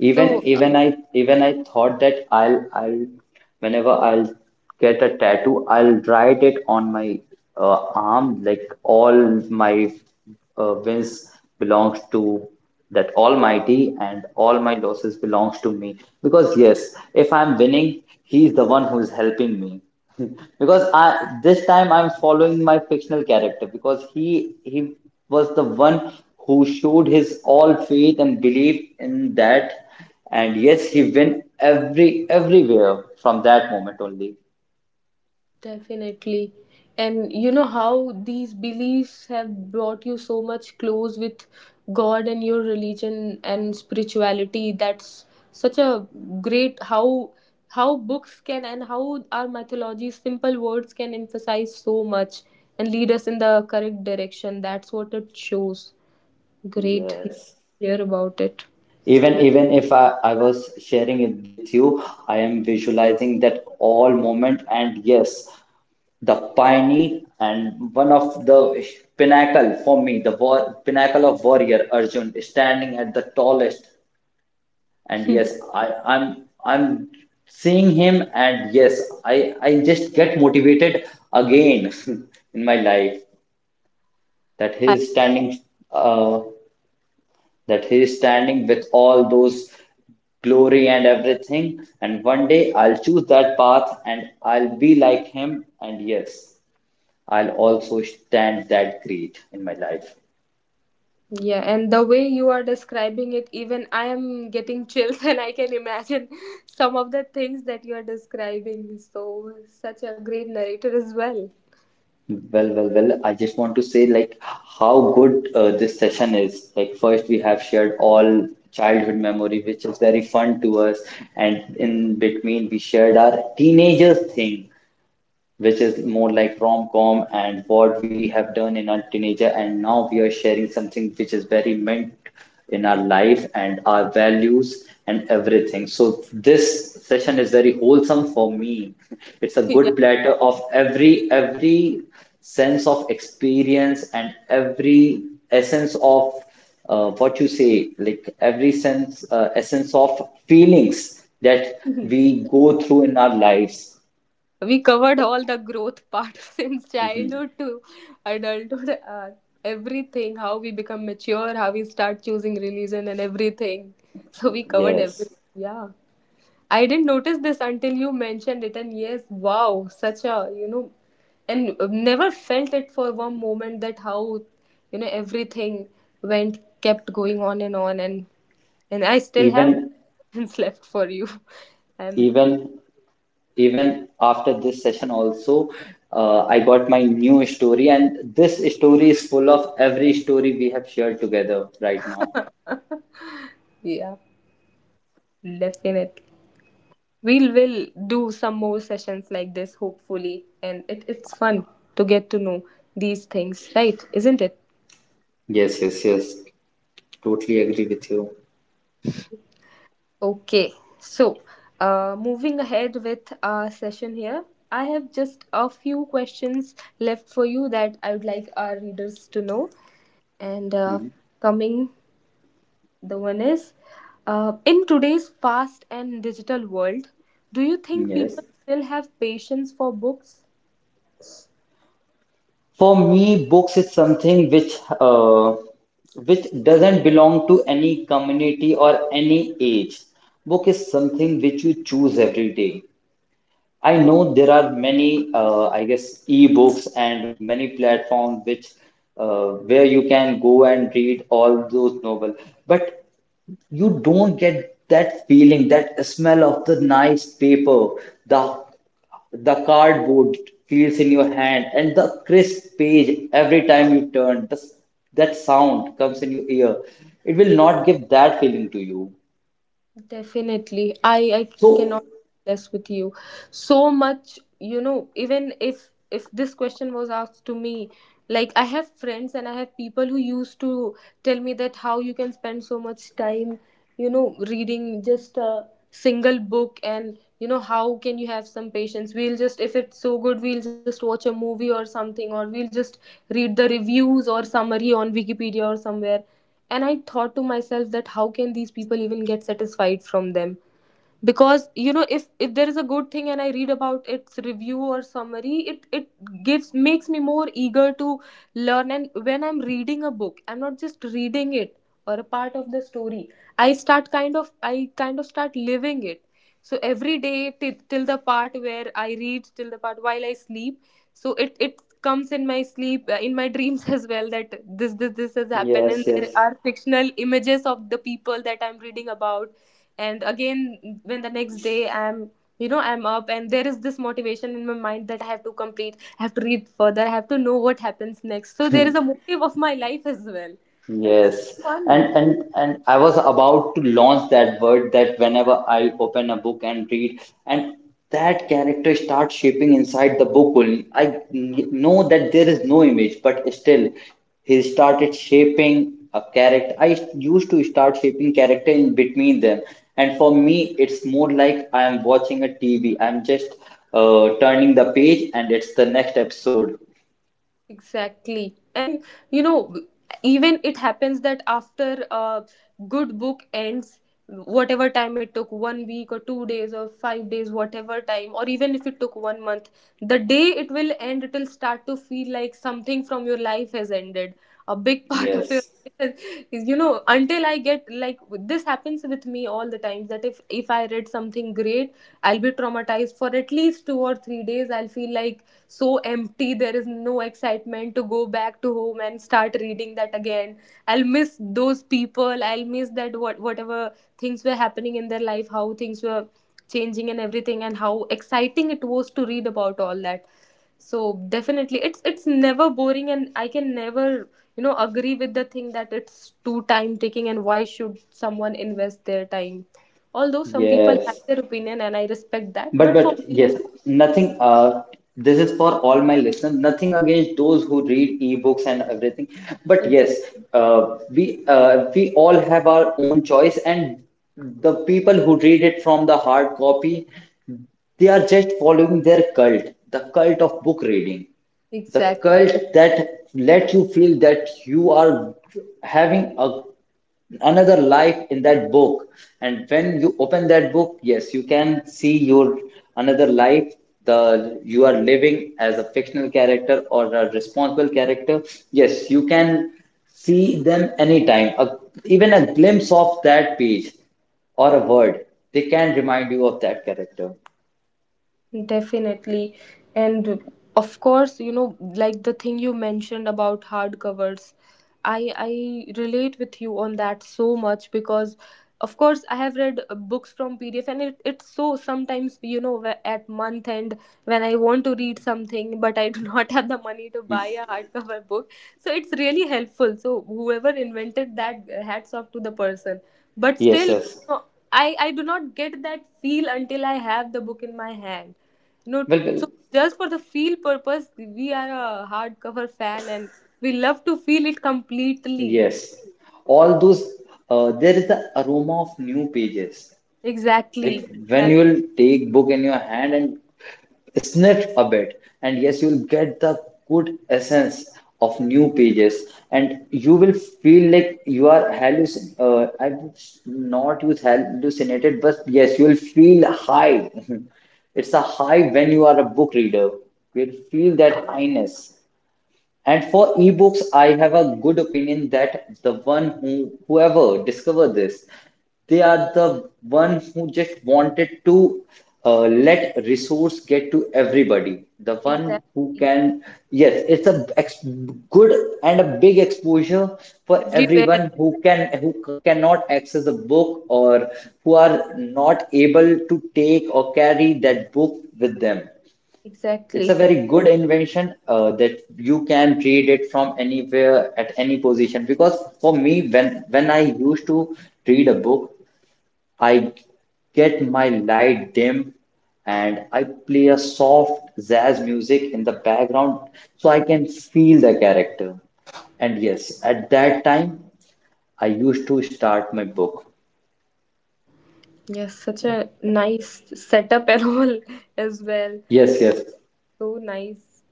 Even
So
even I even I thought that I'll whenever I'll get a tattoo, I'll write it on my arm, like all my wins belongs to that Almighty and all my losses belongs to me. Because yes, if I'm winning, he's the one who's helping me. Because I this time I'm following my fictional character, because he was the one who showed his all faith and belief in that. And yes, he went everywhere from that moment only.
definitely. And you know how these beliefs have brought you so much close with God and your religion and spirituality. That's such a great, how books can, and how our mythology simple words can emphasize so much, and lead us in the correct direction. That's what it shows. Great. Nice
Yes,
to hear about it.
even if I was sharing it with you, I am visualizing that all moment. And yes, the pioneer and one of the pinnacle for me, the war, pinnacle of warrior Arjun standing at the tallest. And yes, I'm seeing him. And yes, I just get motivated again in my life, that he is standing uh that he is standing with all those glory and everything. And one day I'll choose that path and I'll be like him. And yes, I'll also stand that great in my life.
Yeah, and the way you are describing it, even I am getting chills, and I can imagine some of the things that you are describing. So, such a great narrator as well.
Well, well, well, I just want to say like how good this session is. Like first we have shared all childhood memory, which is very fun to us, and in between we shared our teenagers thing which is more like rom-com and what we have done in our teenager. And now we are sharing something which is very meant in our life and our values and everything, so this session is very wholesome for me. It's a
Yeah,
good platter of every sense of experience and every essence of what you say like every sense essence of feelings that we go through in our lives.
we covered all the growth part since
Mhm.
childhood to adulthood, everything, how we become mature, how we start choosing religion, and everything. So, we covered
Yes,
everything. Yeah. I didn't notice this until you mentioned it, and yes, wow, such a and never felt it for one moment that how everything went kept going on and on, and I still have
even
questions left for you, and
even even after this session also, I got my new story and this story is full of every story we have shared together right now.
yeah, definitely we'll will do some more sessions like this hopefully, and it's fun to get to know these things, right? Isn't it?
Yes, yes, yes. Totally agree with you.
Okay, so moving ahead with our session here, I have just a few questions left for you that I would like our readers to know. And
Mhm.
coming, the one is in today's fast and digital world, do you think
Yes,
people still have patience for books?
for me books is something uh, which doesn't belong to any community or any age. Book is something which you choose every day. I know there are many, I guess, ebooks and many platforms which, where you can go and read all those novels, but you don't get that feeling, that smell of the nice paper, the the cardboard feels in your hand, and the crisp page every time you turn. That sound comes in your ear. It will not give that feeling to you.
Definitely. I cannot
So,
less with you. So much, you know, even if this question was asked to me, like I have friends and I have people who used to tell me that how you can spend so much time, you know, reading just a single book, and you know how can you have some patience? We'll just, if it's so good, we'll just watch a movie or something, or we'll just read the reviews or summary on Wikipedia or somewhere. And I thought to myself that how can these people even get satisfied from them? Because you know, if there is a good thing and I read about its review or summary, it gives makes me more eager to learn. And when I'm reading a book, I'm not just reading it or a part of the story, I kind of start living it. So every day, till the part where I read, till the part while I sleep, so it comes in my sleep, in my dreams as well, that this has happened, and
yes, yes.
there are fictional images of the people that I'm reading about. And again, when the next day I'm, you know, I'm up, and there is this motivation in my mind that I have to complete, I have to read further, I have to know what happens next. So there is a motive of my life as well. So it's
Yes,
so fun.
and I was about to launch that word that whenever I open a book and read, and that character starts shaping inside the book only. I know that there is no image, but still, he started shaping a character. I used to start shaping character in between them, and for me, it's more like I am watching a TV. I'm just turning the page, and it's the next episode.
Exactly. And you know, even it happens that after a good book ends, whatever time it took, 1 week or 2 days or 5 days, whatever time, or even if it took 1 month, the day it will end, it will start to feel like something from your life has ended. A big part of your
Yes,
life is, you know, until I get, like, this happens with me all the times that if I read something great, I'll be traumatized for at least 2 or 3 days. I'll feel like so empty, there is no excitement to go back to home and start reading that again. I'll miss those people, I'll miss that, what whatever things were happening in their life, how things were changing and everything, and how exciting it was to read about all that. So definitely, it's never boring, and I can never, you know, agree with the thing that it's too time taking and why should someone invest their time. Although some people
yes.
have their opinion and I respect that,
But
but
but
for me,
yes, nothing. This is for all my listeners. Nothing against those who read ebooks and everything. But yes,
exactly.
we all have our own choice, and the people who read it from the hard copy, they are just following their cult, the cult of book reading, the
Exactly.
cult that let you feel that you are having a another life in that book. And when you open that book, yes, you can see your another life, the you are living as a fictional character or a responsible character. Yes, you can see them anytime, even a glimpse of that page or a word, they can remind you of that character.
Definitely. And of course, you know, like the thing you mentioned about hardcovers, I relate with you on that so much. Because of course I have read books from PDF, and it's so sometimes you know, at month end when I want to read something but I do not have the money to
Hmm.
buy a hardcover book. So it's really helpful. So whoever invented that, hats off to the person. But
Yes,
still, you
yes.
know, I do not get that feel until I have the book in my hand, no,
Well,
so just for the feel purpose, we are a hardcover fan, and we love to feel it completely.
yes, all those, there is the aroma of new pages, like
Exactly.
when you
Exactly.
will take book in your hand and sniff a bit, and yes, you will get the good essence of new pages, and you will feel like you are hallucin I would not use hallucinated, but yes, you will feel high. It's a high when you are a book reader, you'll feel that highness. And for ebooks, I have a good opinion that the one who whoever discovered this, they are the one who just wanted to let resource get to everybody. The one who
Exactly.
can, yes, it's a ex good and a big exposure for
Everywhere.
everyone who can, who cannot access a book or who are not able to take or carry that book with them. It's a
Exactly.
very good invention, that you can read it from anywhere at any position. Because for me, when I used to read a book, I get my light dim and I play a soft jazz music in the background so I can feel the character. And yes, at that time, I used to start my book.
Yes, such a nice setup and all as well.
Yes, yes,
So nice.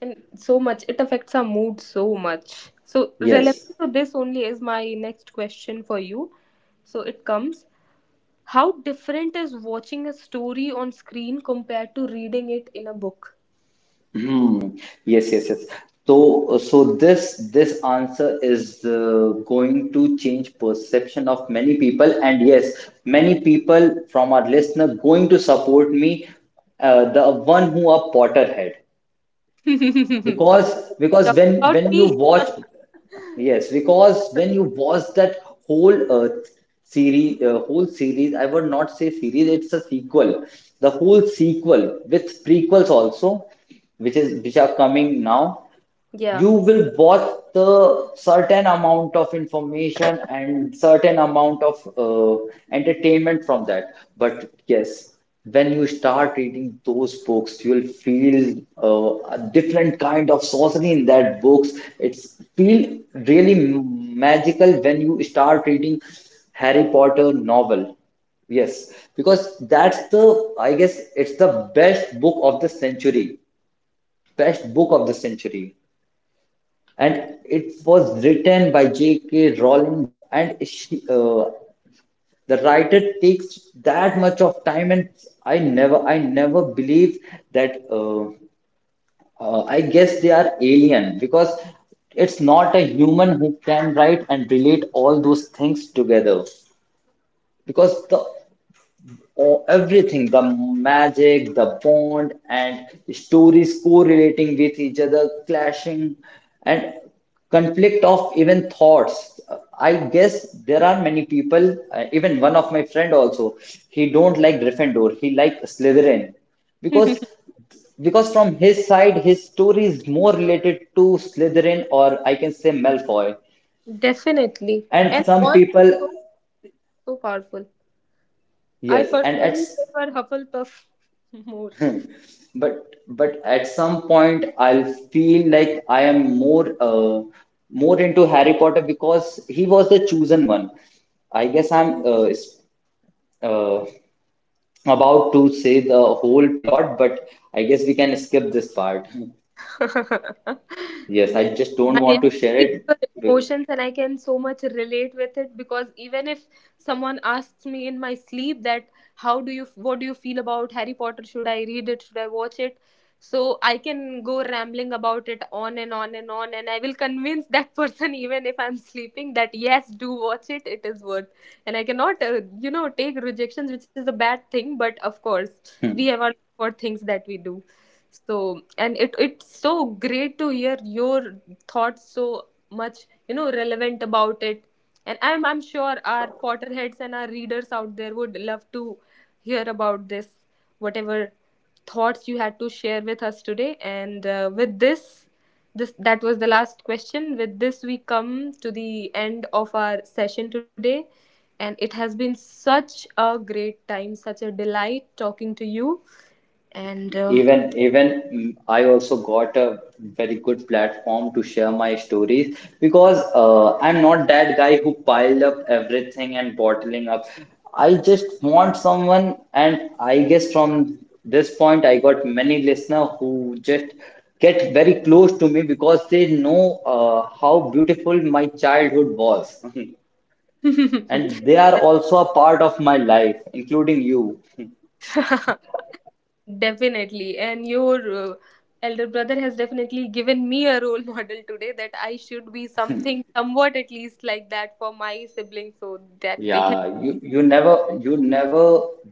And so much. It affects our mood so much. So
yes.
relevant to this only is my next question for you. So it comes. How different is watching a story on screen compared to reading it in a book?
Hmm. Yes, yes, yes. So, this answer is going to change perception of many people, and yes, many people from our listener going to support me, the one who are Potterhead,
Oh, talking
because because when
about
when you
me.
watch, yes, because when you watch that whole whole series, I would not say series, it's a sequel. The whole sequel with prequels also, which are coming now,
Yeah,
you will watch the certain amount of information and certain amount of entertainment from that. But yes, when you start reading those books, you will feel a different kind of sorcery in that books. It's feel really magical when you start reading Harry Potter novel. Yes, because that's the, I guess it's the best book of the century. Best book of the century, and it was written by J.K. Rowling, and she, the writer takes that much of time, and I never believe that. I guess they are alien, because it's not a human who can write and relate all those things together. Because the, oh, everything, the magic, the bond, and stories correlating with each other, clashing, and conflict of even thoughts. I guess there are many people, even one of my friend also, he don't like Gryffindor, he like Slytherin, because because from his side his story is more related to Slytherin or I can say Malfoy.
definitely. And
And some
all,
people,
so, so powerful. I
yes, and at,
personally prefer Hufflepuff more.
but at some point I'll feel like I am more into Harry Potter because he was the chosen one. I guess I'm uh, about to say the whole plot, but I guess we can skip this part. Yes,
Yes,
I just don't
I,
want
I
to share
feel your
it.
emotions and I can so much relate with it. Because even if someone asks me in my sleep that how do you, what do you feel about Harry Potter? Should I read it? Should I watch it? So I can go rambling about it on and on and on, and I will convince that person even if I'm sleeping that yes, do watch it. It is worth. And I cannot, you know, take rejections, which is a bad thing. But of course, we have our for things that we do. So, and it, it's so great to hear your thoughts, so much, you know, relevant about it. And I'm sure our Potterheads and our readers out there would love to hear about this, whatever thoughts you had to share with us today. And with this, this that was the last question. With this, we come to the end of our session today, and it has been such a great time, such a delight talking to you. And
Even I also got a very good platform to share my stories because I'm not that guy who piled up everything and bottling up. I just want someone, and I guess from this point, I got many listeners who just get very close to me because they know how beautiful my childhood was, and they are also a part of my life, including you.
Definitely. And your elder brother has definitely given me a role model today that I should be something, somewhat at least like that for my siblings so that they can.
Yeah, you never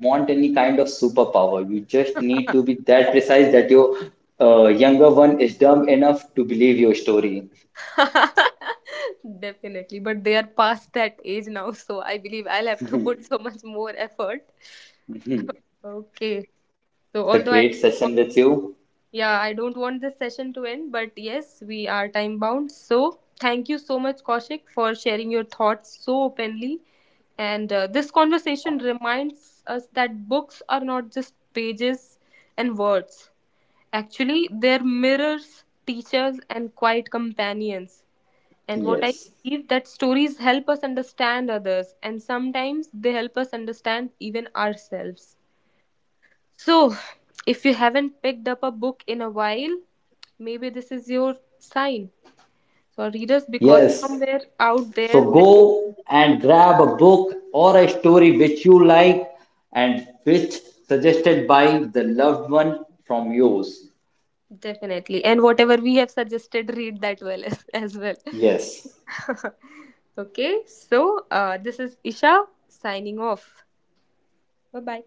want any kind of superpower. You just need to be that precise that your younger one is dumb enough to believe your story.
Definitely. But they are past that age now, so I believe I'll have to put so much more effort.
Mhm.
Okay. So,
It's a
although I,
great session with you.
yeah, I don't want this session to end, but yes, we are time bound. So, thank you so much, Kaushik, for sharing your thoughts so openly. And this conversation reminds us that books are not just pages and words. Actually, they're mirrors, teachers, and quiet companions. And what I
Yes.
believe, that stories help us understand others, and sometimes they help us understand even ourselves. So, if you haven't picked up a book in a while, maybe this is your sign. So, readers, because
Yes.
somewhere out
So
there, there,
go and grab a book or a story which you like and which suggested by the loved one from yours.
definitely, and whatever we have suggested, read that well as well.
Yes.
Okay, so this is Isha signing off. Bye bye.